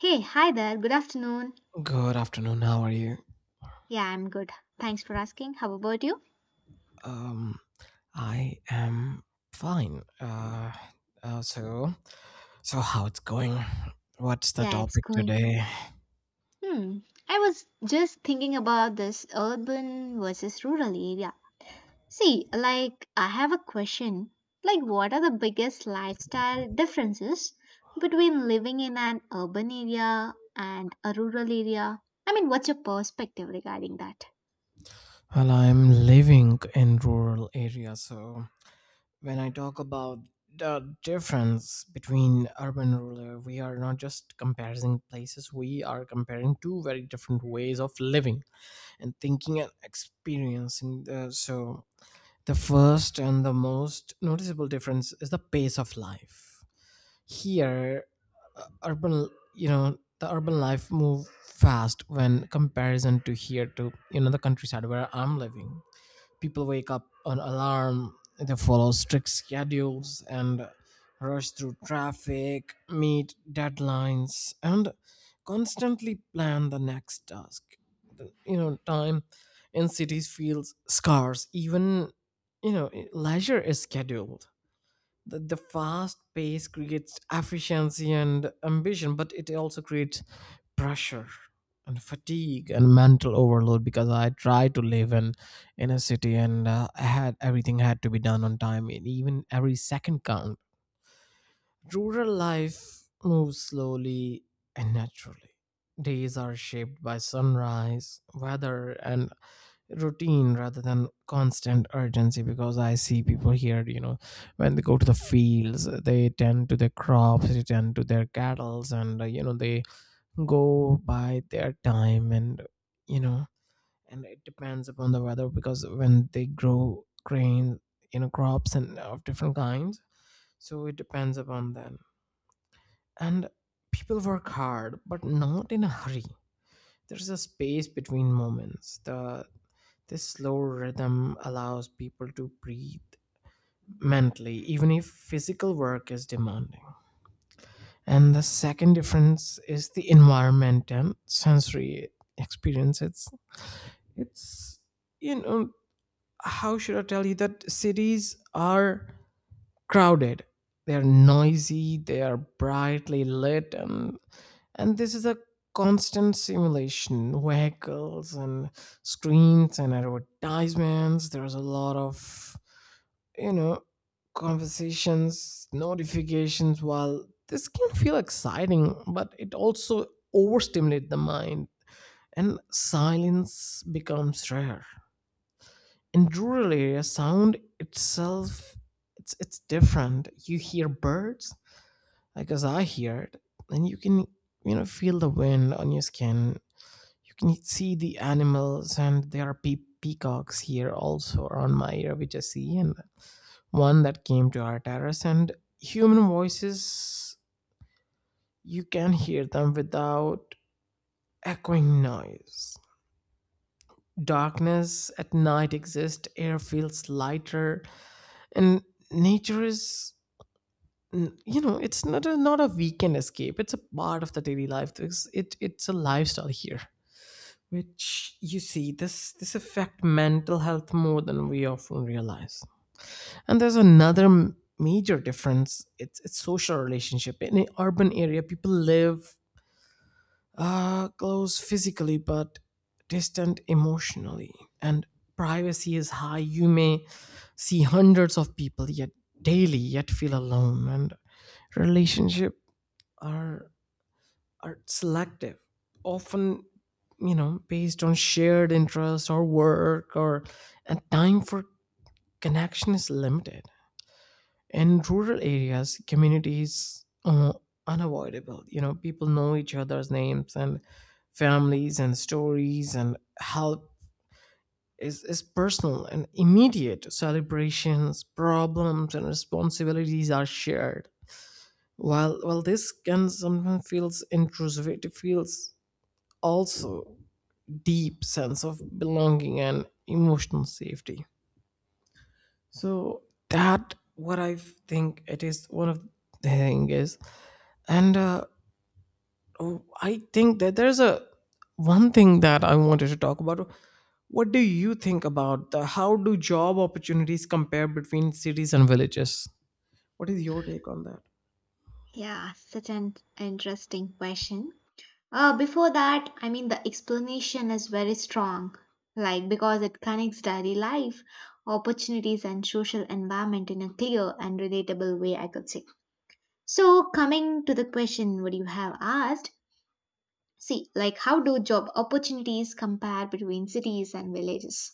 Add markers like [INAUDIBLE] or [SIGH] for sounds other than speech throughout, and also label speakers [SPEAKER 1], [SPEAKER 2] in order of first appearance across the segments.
[SPEAKER 1] Hey, hi there. Good afternoon.
[SPEAKER 2] Good afternoon. How are you?
[SPEAKER 1] Yeah, I'm good. Thanks for asking. How about you?
[SPEAKER 2] Um, I am fine. Uh, so, so how it's going? What's the
[SPEAKER 1] Yeah, it's
[SPEAKER 2] topic
[SPEAKER 1] going.
[SPEAKER 2] today?
[SPEAKER 1] Hmm. I was just thinking about this urban versus rural area. See, like, I have a question. Like, what are the biggest lifestyle differences between living in an urban area and a rural area? I mean, what's your perspective regarding that?
[SPEAKER 2] Well, I'm living in rural area, so when I talk about the difference between urban and rural, we are not just comparing places, we are comparing two very different ways of living and thinking and experiencing. The first and the most noticeable difference is the pace of life. Here, uh, urban, the urban life move fast when comparison to here to the countryside where I'm living. People wake up on alarm, they follow strict schedules and rush through traffic, meet deadlines, and constantly plan the next task. Time in cities feels scarce. Even leisure is scheduled. The fast pace creates efficiency and ambition, but it also creates pressure and fatigue and mental overload, because I tried to live in a city, and I had everything had to be done on time and even every second count. Rural life moves slowly and naturally. Days are shaped by sunrise, weather, and routine rather than constant urgency, because I see people here when they go to the fields. They tend to their crops, they tend to their cattle, and they go by their time. And you know and it depends upon the weather, because when they grow grain, crops and of different kinds, so it depends upon them. And people work hard but not in a hurry. There's a space between moments. The this slow rhythm allows people to breathe mentally, even if physical work is demanding. And the second difference is the environment and sensory experience. It's you know, how should I tell you that cities are crowded, they're noisy, they are brightly lit, and this is a constant simulation, vehicles and screens and advertisements. There's a lot of you know, conversations, notifications. While this can feel exciting, but it also overstimulates the mind, and silence becomes rare. In rural areas, sound itself, it's different. You hear birds, like as I heard, and you can feel the wind on your skin. You can see the animals, and there are peacocks here also around my area which I see, and one that came to our terrace. And human voices, you can hear them without echoing noise. Darkness at night exists, air feels lighter, and nature is, it's not a weekend escape. It's a part of the daily life. It's a lifestyle here, which you see. This affect mental health more than we often realize. And there's another major difference. It's social relationship. In an urban area, people live close physically but distant emotionally, and privacy is high. You may see hundreds of people yet daily yet feel alone, and relationship are are selective, often, based on shared interest or work, or and time for connection is limited. In rural areas, community is, unavoidable. People know each other's names and families and stories, and help is personal and immediate. Celebrations, problems, and responsibilities are shared. While this can sometimes feels intrusive, it feels also deep sense of belonging and emotional safety. So that what I think, it is one of the thing is. And, oh, I think that there's a one thing that I wanted to talk about what do you think about. The How do job opportunities compare between cities and villages? What is your take on that?
[SPEAKER 1] Yeah, such an interesting question. Before that, I mean, the explanation is very strong, like because it connects daily life, opportunities, and social environment in a clear and relatable way, I could say. So, coming to the question, what you have asked, see, like, how do job opportunities compare between cities and villages?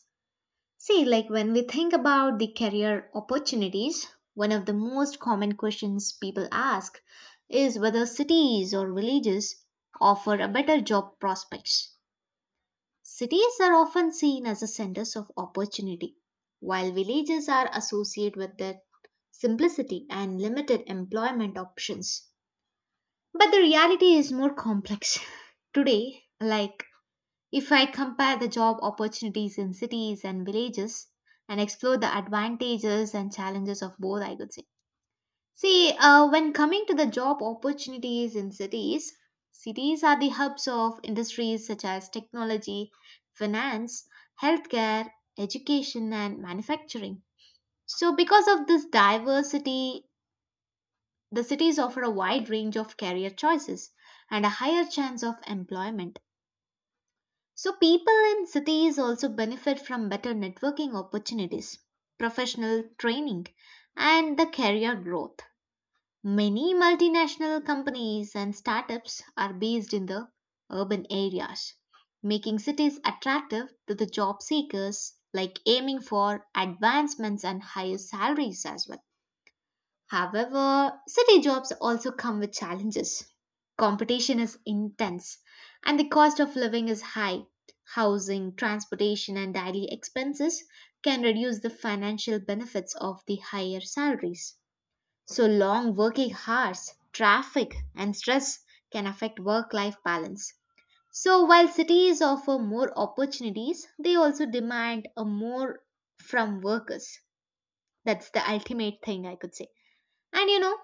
[SPEAKER 1] See, like, when we think about the career opportunities, one of the most common questions people ask is whether cities or villages offer a better job prospects. Cities are often seen as the centers of opportunity, while villages are associated with their simplicity and limited employment options. But the reality is more complex. [LAUGHS] Today, like if I compare the job opportunities in cities and villages and explore the advantages and challenges of both, I could say. See, when coming to the job opportunities in cities, cities are the hubs of industries such as technology, finance, healthcare, education, and manufacturing. So, because of this diversity, the cities offer a wide range of career choices and a higher chance of employment. So, people in cities also benefit from better networking opportunities, professional training, and the career growth. Many multinational companies and startups are based in the urban areas, making cities attractive to the job seekers, like aiming for advancements and higher salaries as well. However, city jobs also come with challenges. Competition is intense, and the cost of living is high. Housing, transportation, and daily expenses can reduce the financial benefits of the higher salaries. So, long working hours, traffic, and stress can affect work life balance. So, while cities offer more opportunities, they also demand a more from workers. That's the ultimate thing I could say. And you know,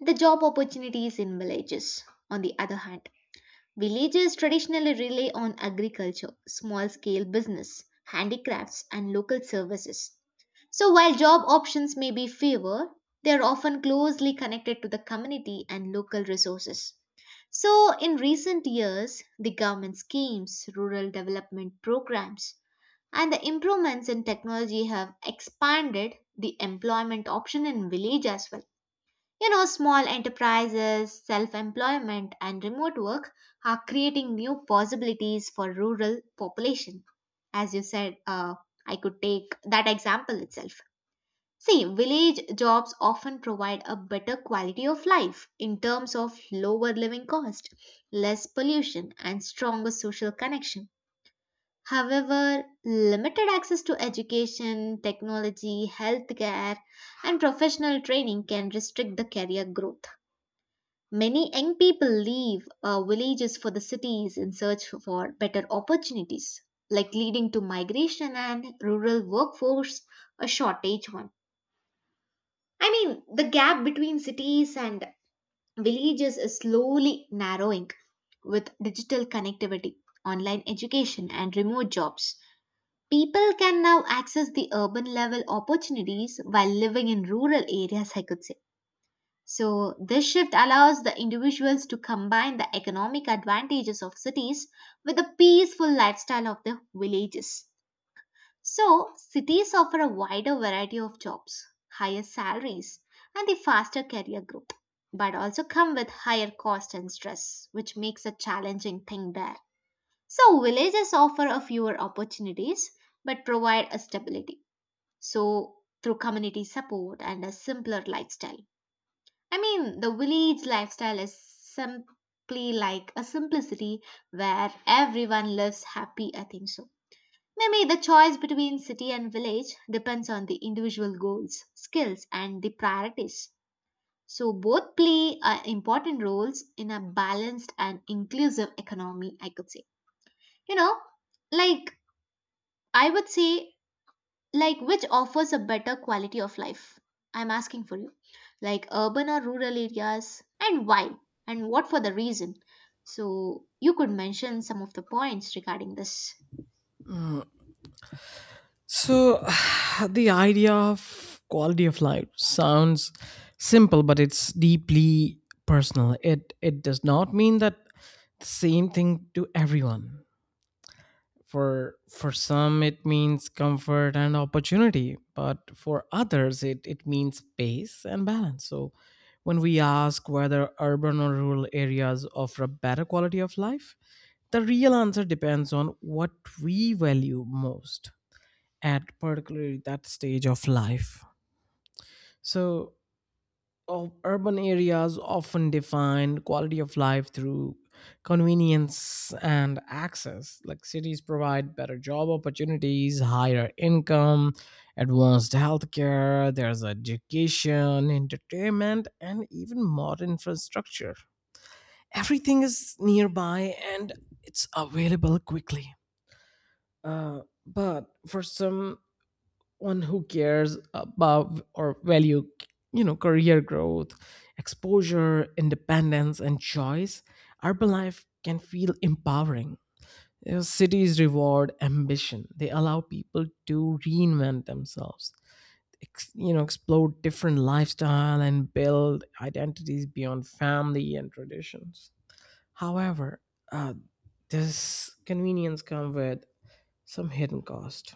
[SPEAKER 1] the job opportunities in villages, on the other hand, villages traditionally rely on agriculture, small scale business, handicrafts, and local services. So, while job options may be fewer, they are often closely connected to the community and local resources. So, in recent years, the government schemes, rural development programs, and the improvements in technology have expanded the employment option in village as well. You know, small enterprises, self employment, and remote work are creating new possibilities for rural population. As you said, I could take that example itself. See, village jobs often provide a better quality of life in terms of lower living cost, less pollution, and stronger social connection. However, limited access to education, technology, healthcare, and professional training can restrict the career growth. Many young people leave villages for the cities in search for better opportunities, like leading to migration and rural workforce, a shortage one. I mean, the gap between cities and villages is slowly narrowing with digital connectivity, online education, and remote jobs. People can now access the urban level opportunities while living in rural areas, I could say. So, this shift allows the individuals to combine the economic advantages of cities with the peaceful lifestyle of the villages. So, cities offer a wider variety of jobs, higher salaries, and the faster career growth, but also come with higher cost and stress, which makes a challenging thing there. So, villages offer a fewer opportunities but provide a stability. So, through community support and a simpler lifestyle. I mean, the village lifestyle is simply like a simplicity where everyone lives happy, I think so. Maybe the choice between city and village depends on the individual goals, skills, and the priorities. So, both play important roles in a balanced and inclusive economy, I could say. You know, like I would say, like which offers a better quality of life? I'm asking for you, like urban or rural areas, and why and what for the reason? So you could mention some of the points regarding this.
[SPEAKER 2] So, [SIGHS] the idea of quality of life sounds simple, but it's deeply personal. It does not mean that the same thing to everyone. For some, it means comfort and opportunity, but for others, it means pace and balance. So, when we ask whether urban or rural areas offer a better quality of life, the real answer depends on what we value most at particularly that stage of life. So, of urban areas often define quality of life through convenience and access. Like, cities provide better job opportunities, higher income, advanced healthcare, there's education, entertainment, and even modern infrastructure. Everything is nearby and it's available quickly. But for some one who cares about or value, career growth, exposure, independence, and choice, urban life can feel empowering. Cities reward ambition, they allow people to reinvent themselves, explore different lifestyle and build identities beyond family and traditions. However, uh, this convenience comes with some hidden cost.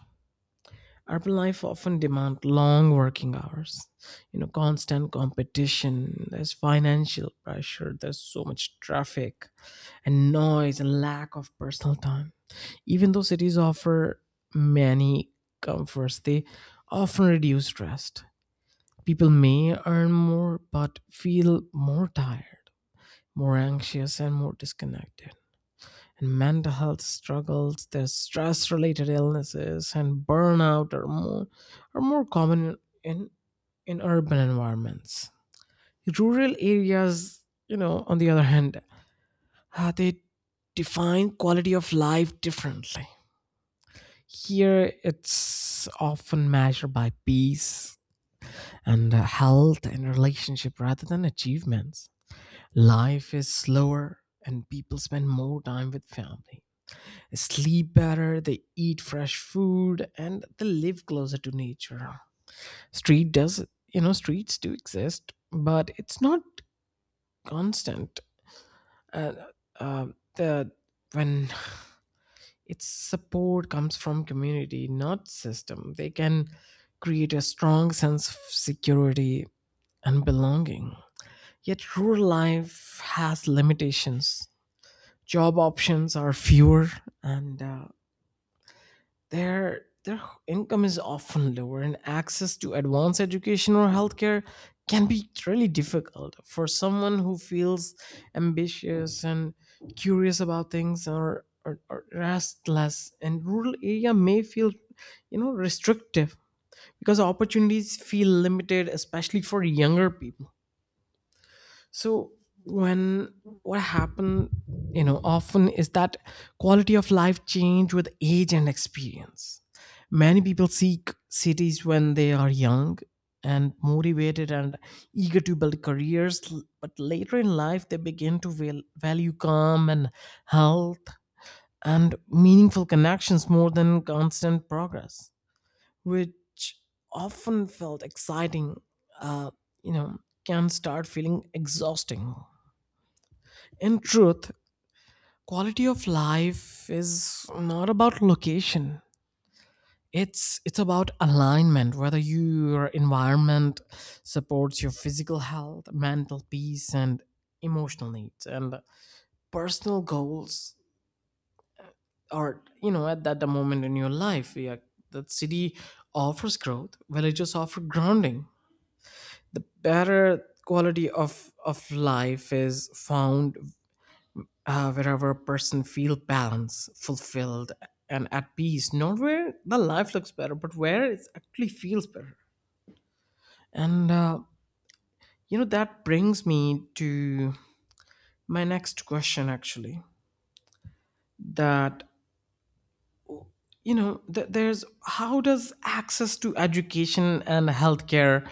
[SPEAKER 2] Urban life often demand long working hours, constant competition, there's financial pressure, there's so much traffic and noise and lack of personal time. Even though cities offer many comforts, they often reduce rest. People may earn more but feel more tired, more anxious, and more disconnected. And mental health struggles, their stress related illnesses, and burnout are more common in, in urban environments. Rural areas, on the other hand, they define quality of life differently. Here, it's often measured by peace and health and relationship rather than achievements. Life is slower, and people spend more time with family, sleep better, they eat fresh food, and they live closer to nature. Street does, streets do exist, but it's not constant. And uh, the when its support comes from community, not system, they can create a strong sense of security and belonging. Yet rural life has limitations. Job options are fewer, and their income is often lower, and access to advanced education or healthcare can be really difficult for someone who feels ambitious and curious about things, or restless, and rural area may feel, restrictive, because opportunities feel limited, especially for younger people. So when what happened, often is that quality of life change with age and experience. Many people seek cities when they are young and motivated and eager to build careers, but later in life they begin to value calm and health and meaningful connections more than constant progress, which often felt exciting, uh, you know, can start feeling exhausting. In truth, quality of life is not about location. It's about alignment, whether your environment supports your physical health, mental peace, and emotional needs and personal goals, or at that moment in your life. Yeah, that city offers growth, villages offer grounding. The better quality of life is found, wherever a person feel balanced, fulfilled, and at peace. Not where the life looks better, but where it actually feels better. And that brings me to my next question. Actually, that you know th- there's how does access to education and healthcare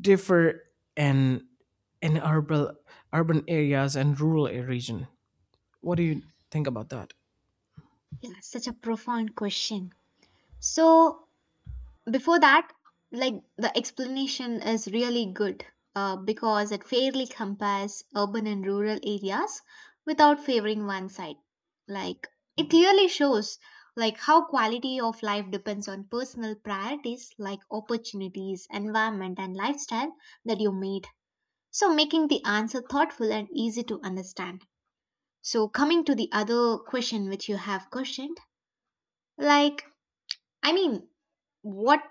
[SPEAKER 2] differ in in urban areas and rural region? What do you think about that?
[SPEAKER 1] Yeah, such a profound question. So before that, like the explanation is really good, because it fairly compares urban and rural areas without favoring one side. Like it clearly shows like how quality of life depends on personal priorities like opportunities, environment, and lifestyle that you made, so making the answer thoughtful and easy to understand. So coming to the other question which you have questioned, like, I mean, what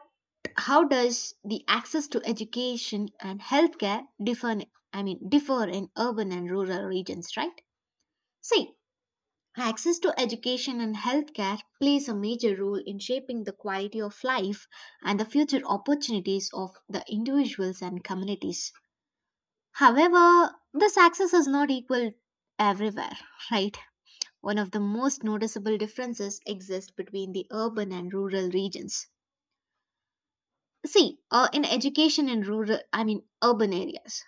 [SPEAKER 1] how does the access to education and healthcare differ? I mean, differ in urban and rural regions, right? See, access to education and healthcare plays a major role in shaping the quality of life and the future opportunities of the individuals and communities. However, this access is not equal everywhere, right? One of the most noticeable differences exists between the urban and rural regions. See, in education in rural, I mean urban areas,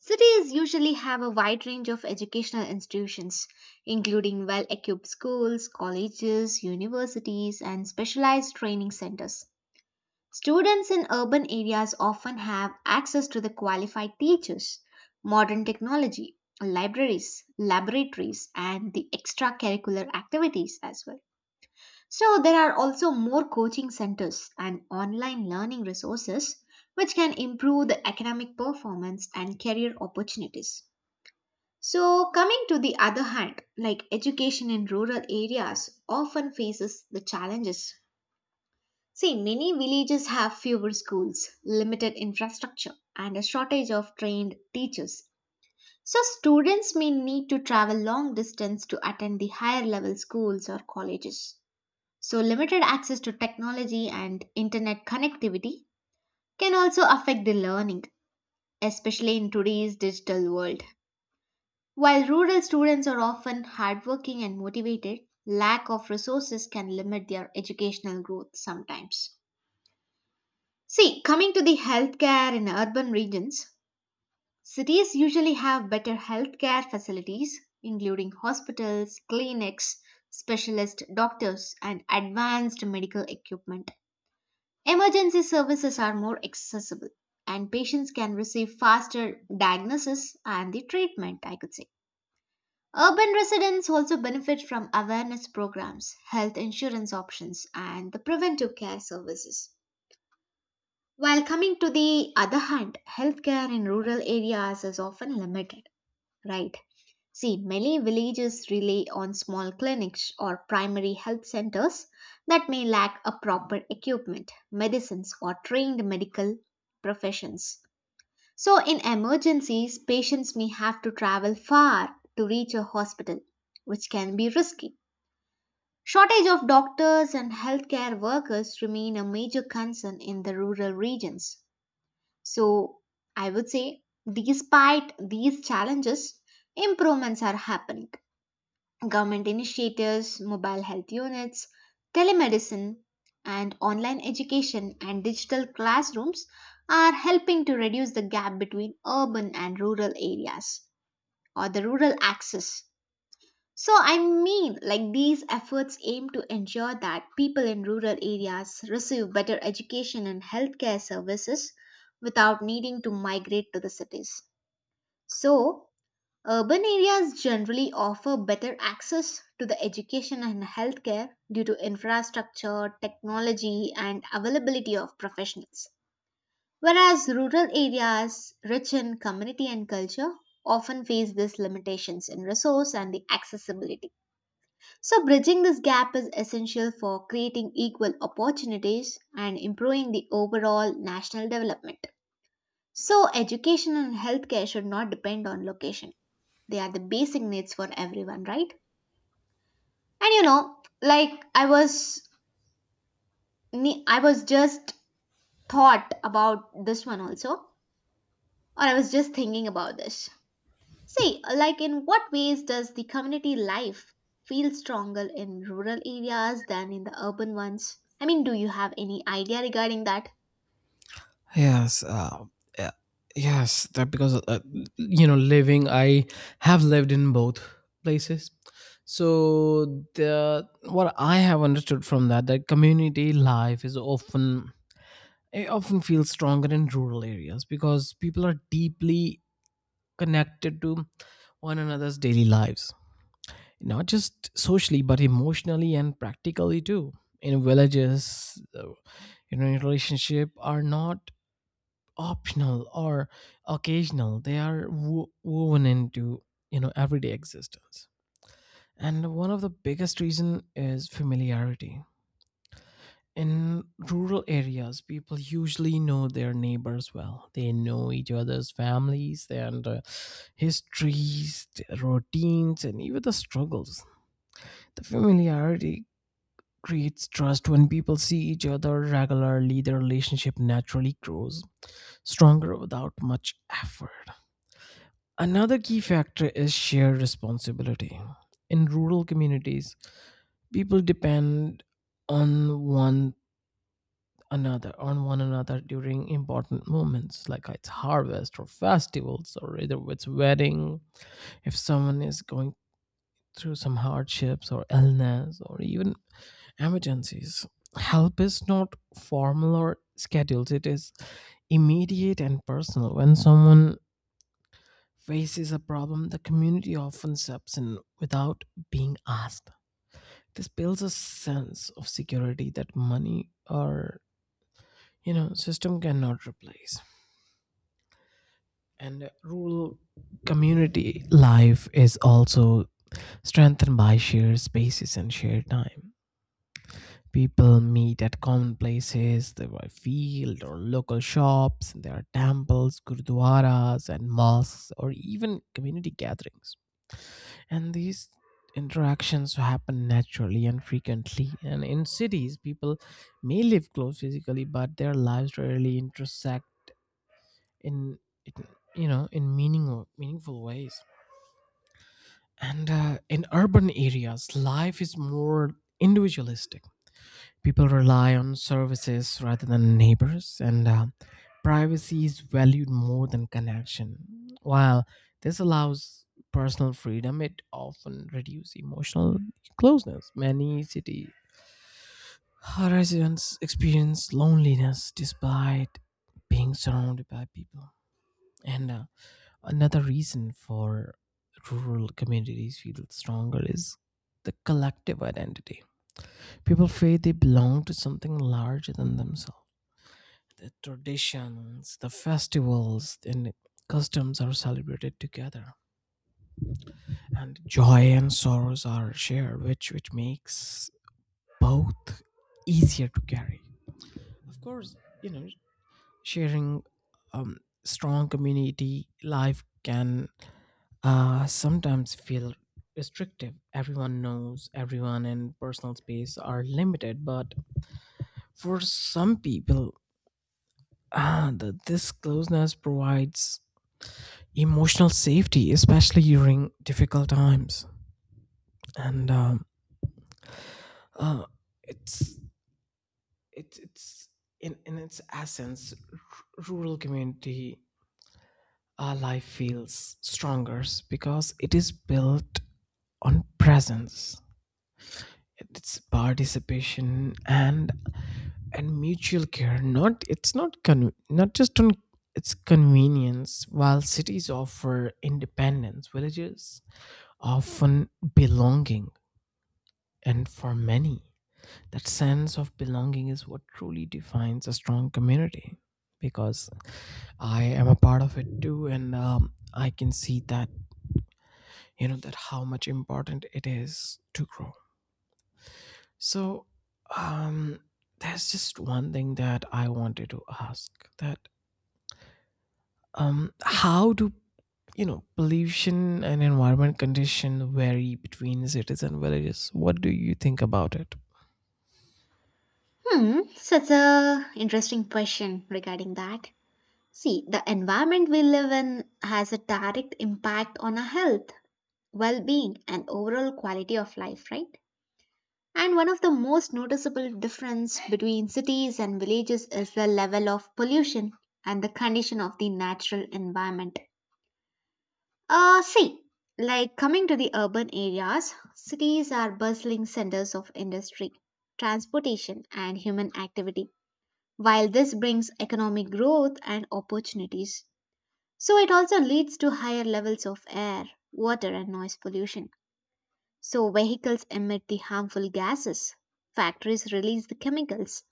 [SPEAKER 1] cities usually have a wide range of educational institutions, including well equipped schools, colleges, universities, and specialized training centers. Students in urban areas often have access to the qualified teachers, modern technology, libraries, laboratories, and the extracurricular activities as well. So, there are also more coaching centers and online learning resources which can improve the academic performance and career opportunities. So, coming to the other hand, like education in rural areas often faces the challenges. See, many villages have fewer schools, limited infrastructure, and a shortage of trained teachers. So, students may need to travel long distance to attend the higher level schools or colleges. So, limited access to technology and internet connectivity can also affect the learning, especially in today's digital world. While rural students are often hardworking and motivated, lack of resources can limit their educational growth sometimes. See, coming to the healthcare in urban regions, cities usually have better healthcare facilities, including hospitals, clinics, specialist doctors, and advanced medical equipment. Emergency services are more accessible and patients can receive faster diagnosis and the treatment, I could say. Urban residents also benefit from awareness programs, health insurance options, and the preventive care services. While coming to the other hand, healthcare in rural areas is often limited, right? See, many villages rely on small clinics or primary health centers that may lack a proper equipment, medicines, or trained medical professions. So, in emergencies, patients may have to travel far to reach a hospital, which can be risky. Shortage of doctors and healthcare workers remain a major concern in the rural regions. So, I would say, despite these challenges, improvements are happening. Government initiatives, mobile health units, telemedicine, and online education and digital classrooms are helping to reduce the gap between urban and rural areas or the rural access. So, I mean, like these efforts aim to ensure that people in rural areas receive better education and healthcare services without needing to migrate to the cities. So, urban areas generally offer better access to the education and healthcare due to infrastructure, technology, and availability of professionals. Whereas rural areas, rich in community and culture, often face these limitations in resource and the accessibility. So, bridging this gap is essential for creating equal opportunities and improving the overall national development. So, education and healthcare should not depend on location. They are the basic needs for everyone, right? And you know, like I was just thought about this one also, or I was just thinking about this. See, like in what ways does the community life feel stronger in rural areas than in the urban ones? I mean, do you have any idea regarding that?
[SPEAKER 2] Yes, uh, uh, yes, that because you know, living, I have lived in both places. So the what I have understood from that, that community life is often it often feels stronger in rural areas, because people are deeply connected to one another's daily lives, not just socially but emotionally and practically too. In villages, in relationship are not optional or occasional. They are woven into everyday existence. And one of the biggest reason is familiarity. In rural areas, people usually know their neighbors well, they know each other's families and histories, their routines, and even the struggles. The familiarity creates trust. When people see each other regularly, their relationship naturally grows stronger without much effort. Another key factor is shared responsibility. In rural communities, people depend on one on one another during important moments, like it's harvest or festivals, or either it's wedding. If someone is going through some hardships or illness or even emergencies, help is not formal or scheduled. It is immediate and personal. When someone faces a problem, the community often steps in without being asked. This builds a sense of security that money or system cannot replace. And rural community life is also strengthened by shared spaces and shared time. People meet at common places, the field or local shops. There are temples, gurdwaras, and mosques, or even community gatherings. And these interactions happen naturally and frequently. And in cities, people may live close physically, but their lives rarely intersect in, in- in meaningful ways. And in urban areas, life is more individualistic. People rely on services rather than neighbors, and privacy is valued more than connection. While this allows personal freedom, it often reduces emotional closeness. Many city residents experience loneliness despite being surrounded by people. And another reason for rural communities feel stronger is the collective identity. People feel they belong to something larger than themselves. The traditions, the festivals, and customs are celebrated together, and joy and sorrows are shared, which makes both easier to carry. Of course, you know, sharing um, strong community life can sometimes feel restrictive. Everyone knows everyone, and personal space are limited. But for some people, this closeness provides emotional safety, especially during difficult times. And uh, it's it's in its essence, rural community life feels stronger, because it is built on presence. It's participation and mutual care. Not just on its convenience. While cities offer independence, villages often belonging. And for many, that sense of belonging is what truly defines a strong community, because I am a part of it too. And I can see that, that how much important it is to grow. So, um, there's just one thing that I wanted to ask, that how do pollution and environment condition vary between cities and villages? What do you think about it?
[SPEAKER 1] Hmm, such a interesting question regarding that. See, the environment we live in has a direct impact on our health, well being, and overall quality of life, right? And one of the most noticeable difference between cities and villages is the level of pollution and the condition of the natural environment. See, like coming to the urban areas, cities are bustling centers of industry, transportation, and human activity. While this brings economic growth and opportunities, so it also leads to higher levels of air, water, and noise pollution. So, vehicles emit the harmful gases, factories release the chemicals,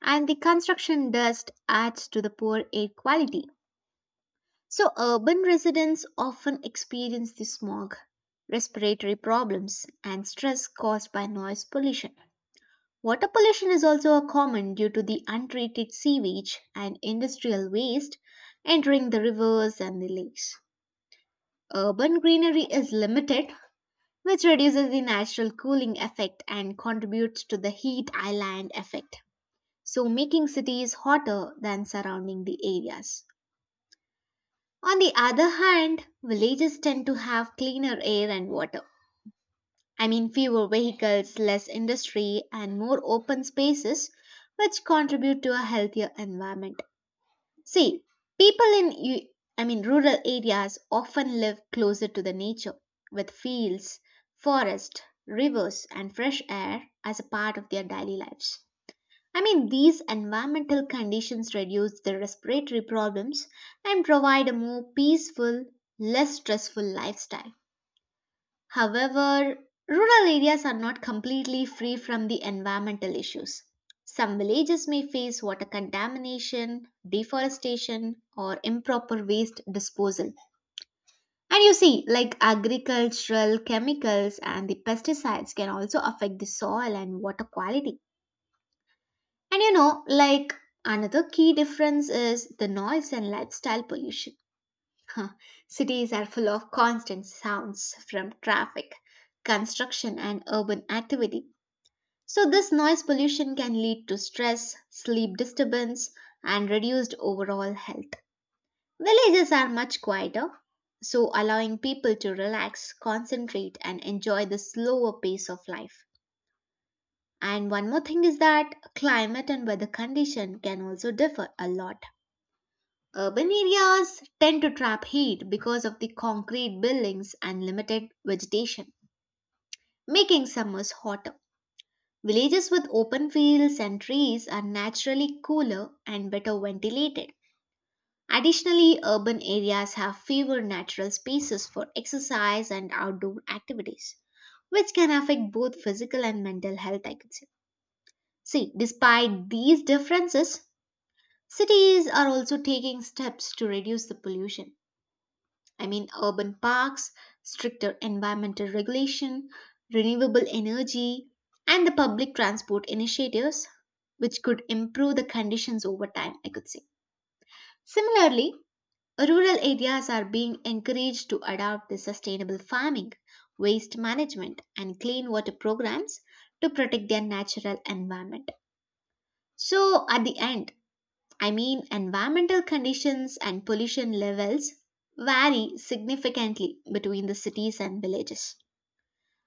[SPEAKER 1] and the construction dust adds to the poor air quality. So, urban residents often experience the smog, respiratory problems, and stress caused by noise pollution. Water pollution is also a common due to the untreated sewage and industrial waste entering the rivers and the lakes. Urban greenery is limited which reduces the natural cooling effect and contributes to the heat island effect, so making cities hotter than surrounding the areas. On the other hand, villages tend to have cleaner air and water. I mean, fewer vehicles, less industry, and more open spaces, which contribute to a healthier environment. See, people in u- I mean rural areas often live closer to the nature with fields, forest, rivers and fresh air as a part of their daily lives. I mean these environmental conditions reduce the respiratory problems and provide a more peaceful, less stressful lifestyle. However, rural areas are not completely free from the environmental issues. Some villages may face water contamination, deforestation, or improper waste disposal. And you see, like agricultural chemicals and the pesticides can also affect the soil and water quality. And you know, like another key difference is the noise and lifestyle pollution. [LAUGHS] Cities are full of constant sounds from traffic, construction, and urban activity. So, this noise pollution can lead to stress, sleep disturbance, and reduced overall health. Villages are much quieter, so allowing people to relax, concentrate, and enjoy the slower pace of life. And one more thing is that climate and weather condition can also differ a lot. Urban areas tend to trap heat because of the concrete buildings and limited vegetation, making summers hotter. Villages with open fields and trees are naturally cooler and better ventilated. Additionally, urban areas have fewer natural spaces for exercise and outdoor activities, which can affect both physical and mental health, I could say. See, despite these differences, cities are also taking steps to reduce the pollution. I mean, urban parks, stricter environmental regulation, renewable energy, and the public transport initiatives, which could improve the conditions over time, I could say. Similarly, rural areas are being encouraged to adopt the sustainable farming, waste management, and clean water programs to protect their natural environment. So, at the end, I mean, environmental conditions and pollution levels vary significantly between the cities and villages.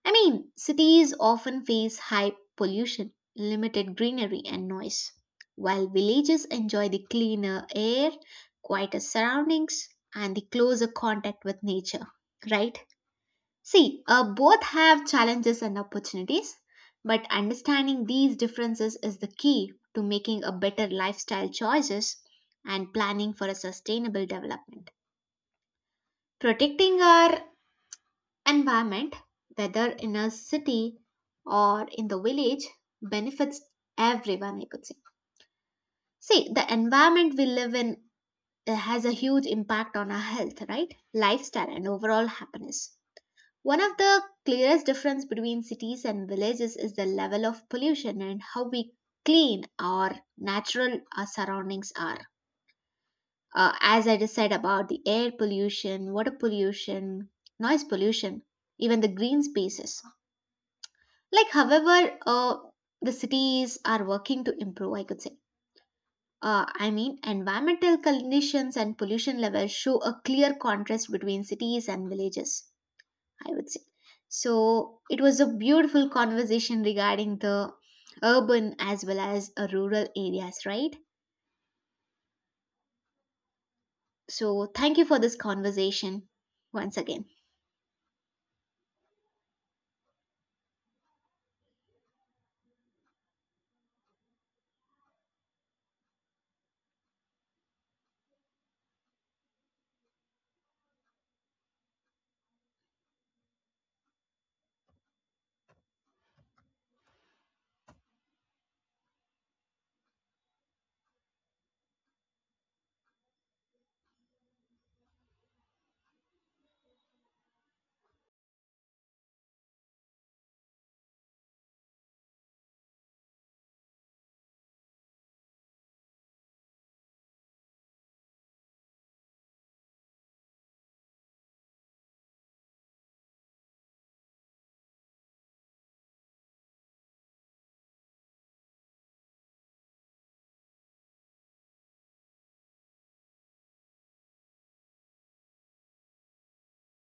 [SPEAKER 1] I mean, cities often face high pollution, limited greenery, and noise, while villages enjoy the cleaner air, quieter surroundings, and the closer contact with nature, right? See, both have challenges and opportunities, but understanding these differences is the key to making a better lifestyle choices and planning for a sustainable development. Protecting our environment, whether in a city or in the village, benefits everyone, I could say. See, the environment we live in has a huge impact on our health, right? Lifestyle and overall happiness. One of the clearest difference between cities and villages is the level of pollution and how we clean our natural surroundings are. As I just said about the air pollution, water pollution, noise pollution, even the green spaces. Like, however, the cities are working to improve, I could say. I mean, environmental conditions and pollution levels show a clear contrast between cities and villages. I would say. So it was a beautiful conversation regarding the urban as well as rural areas, right? So thank you for this conversation once again.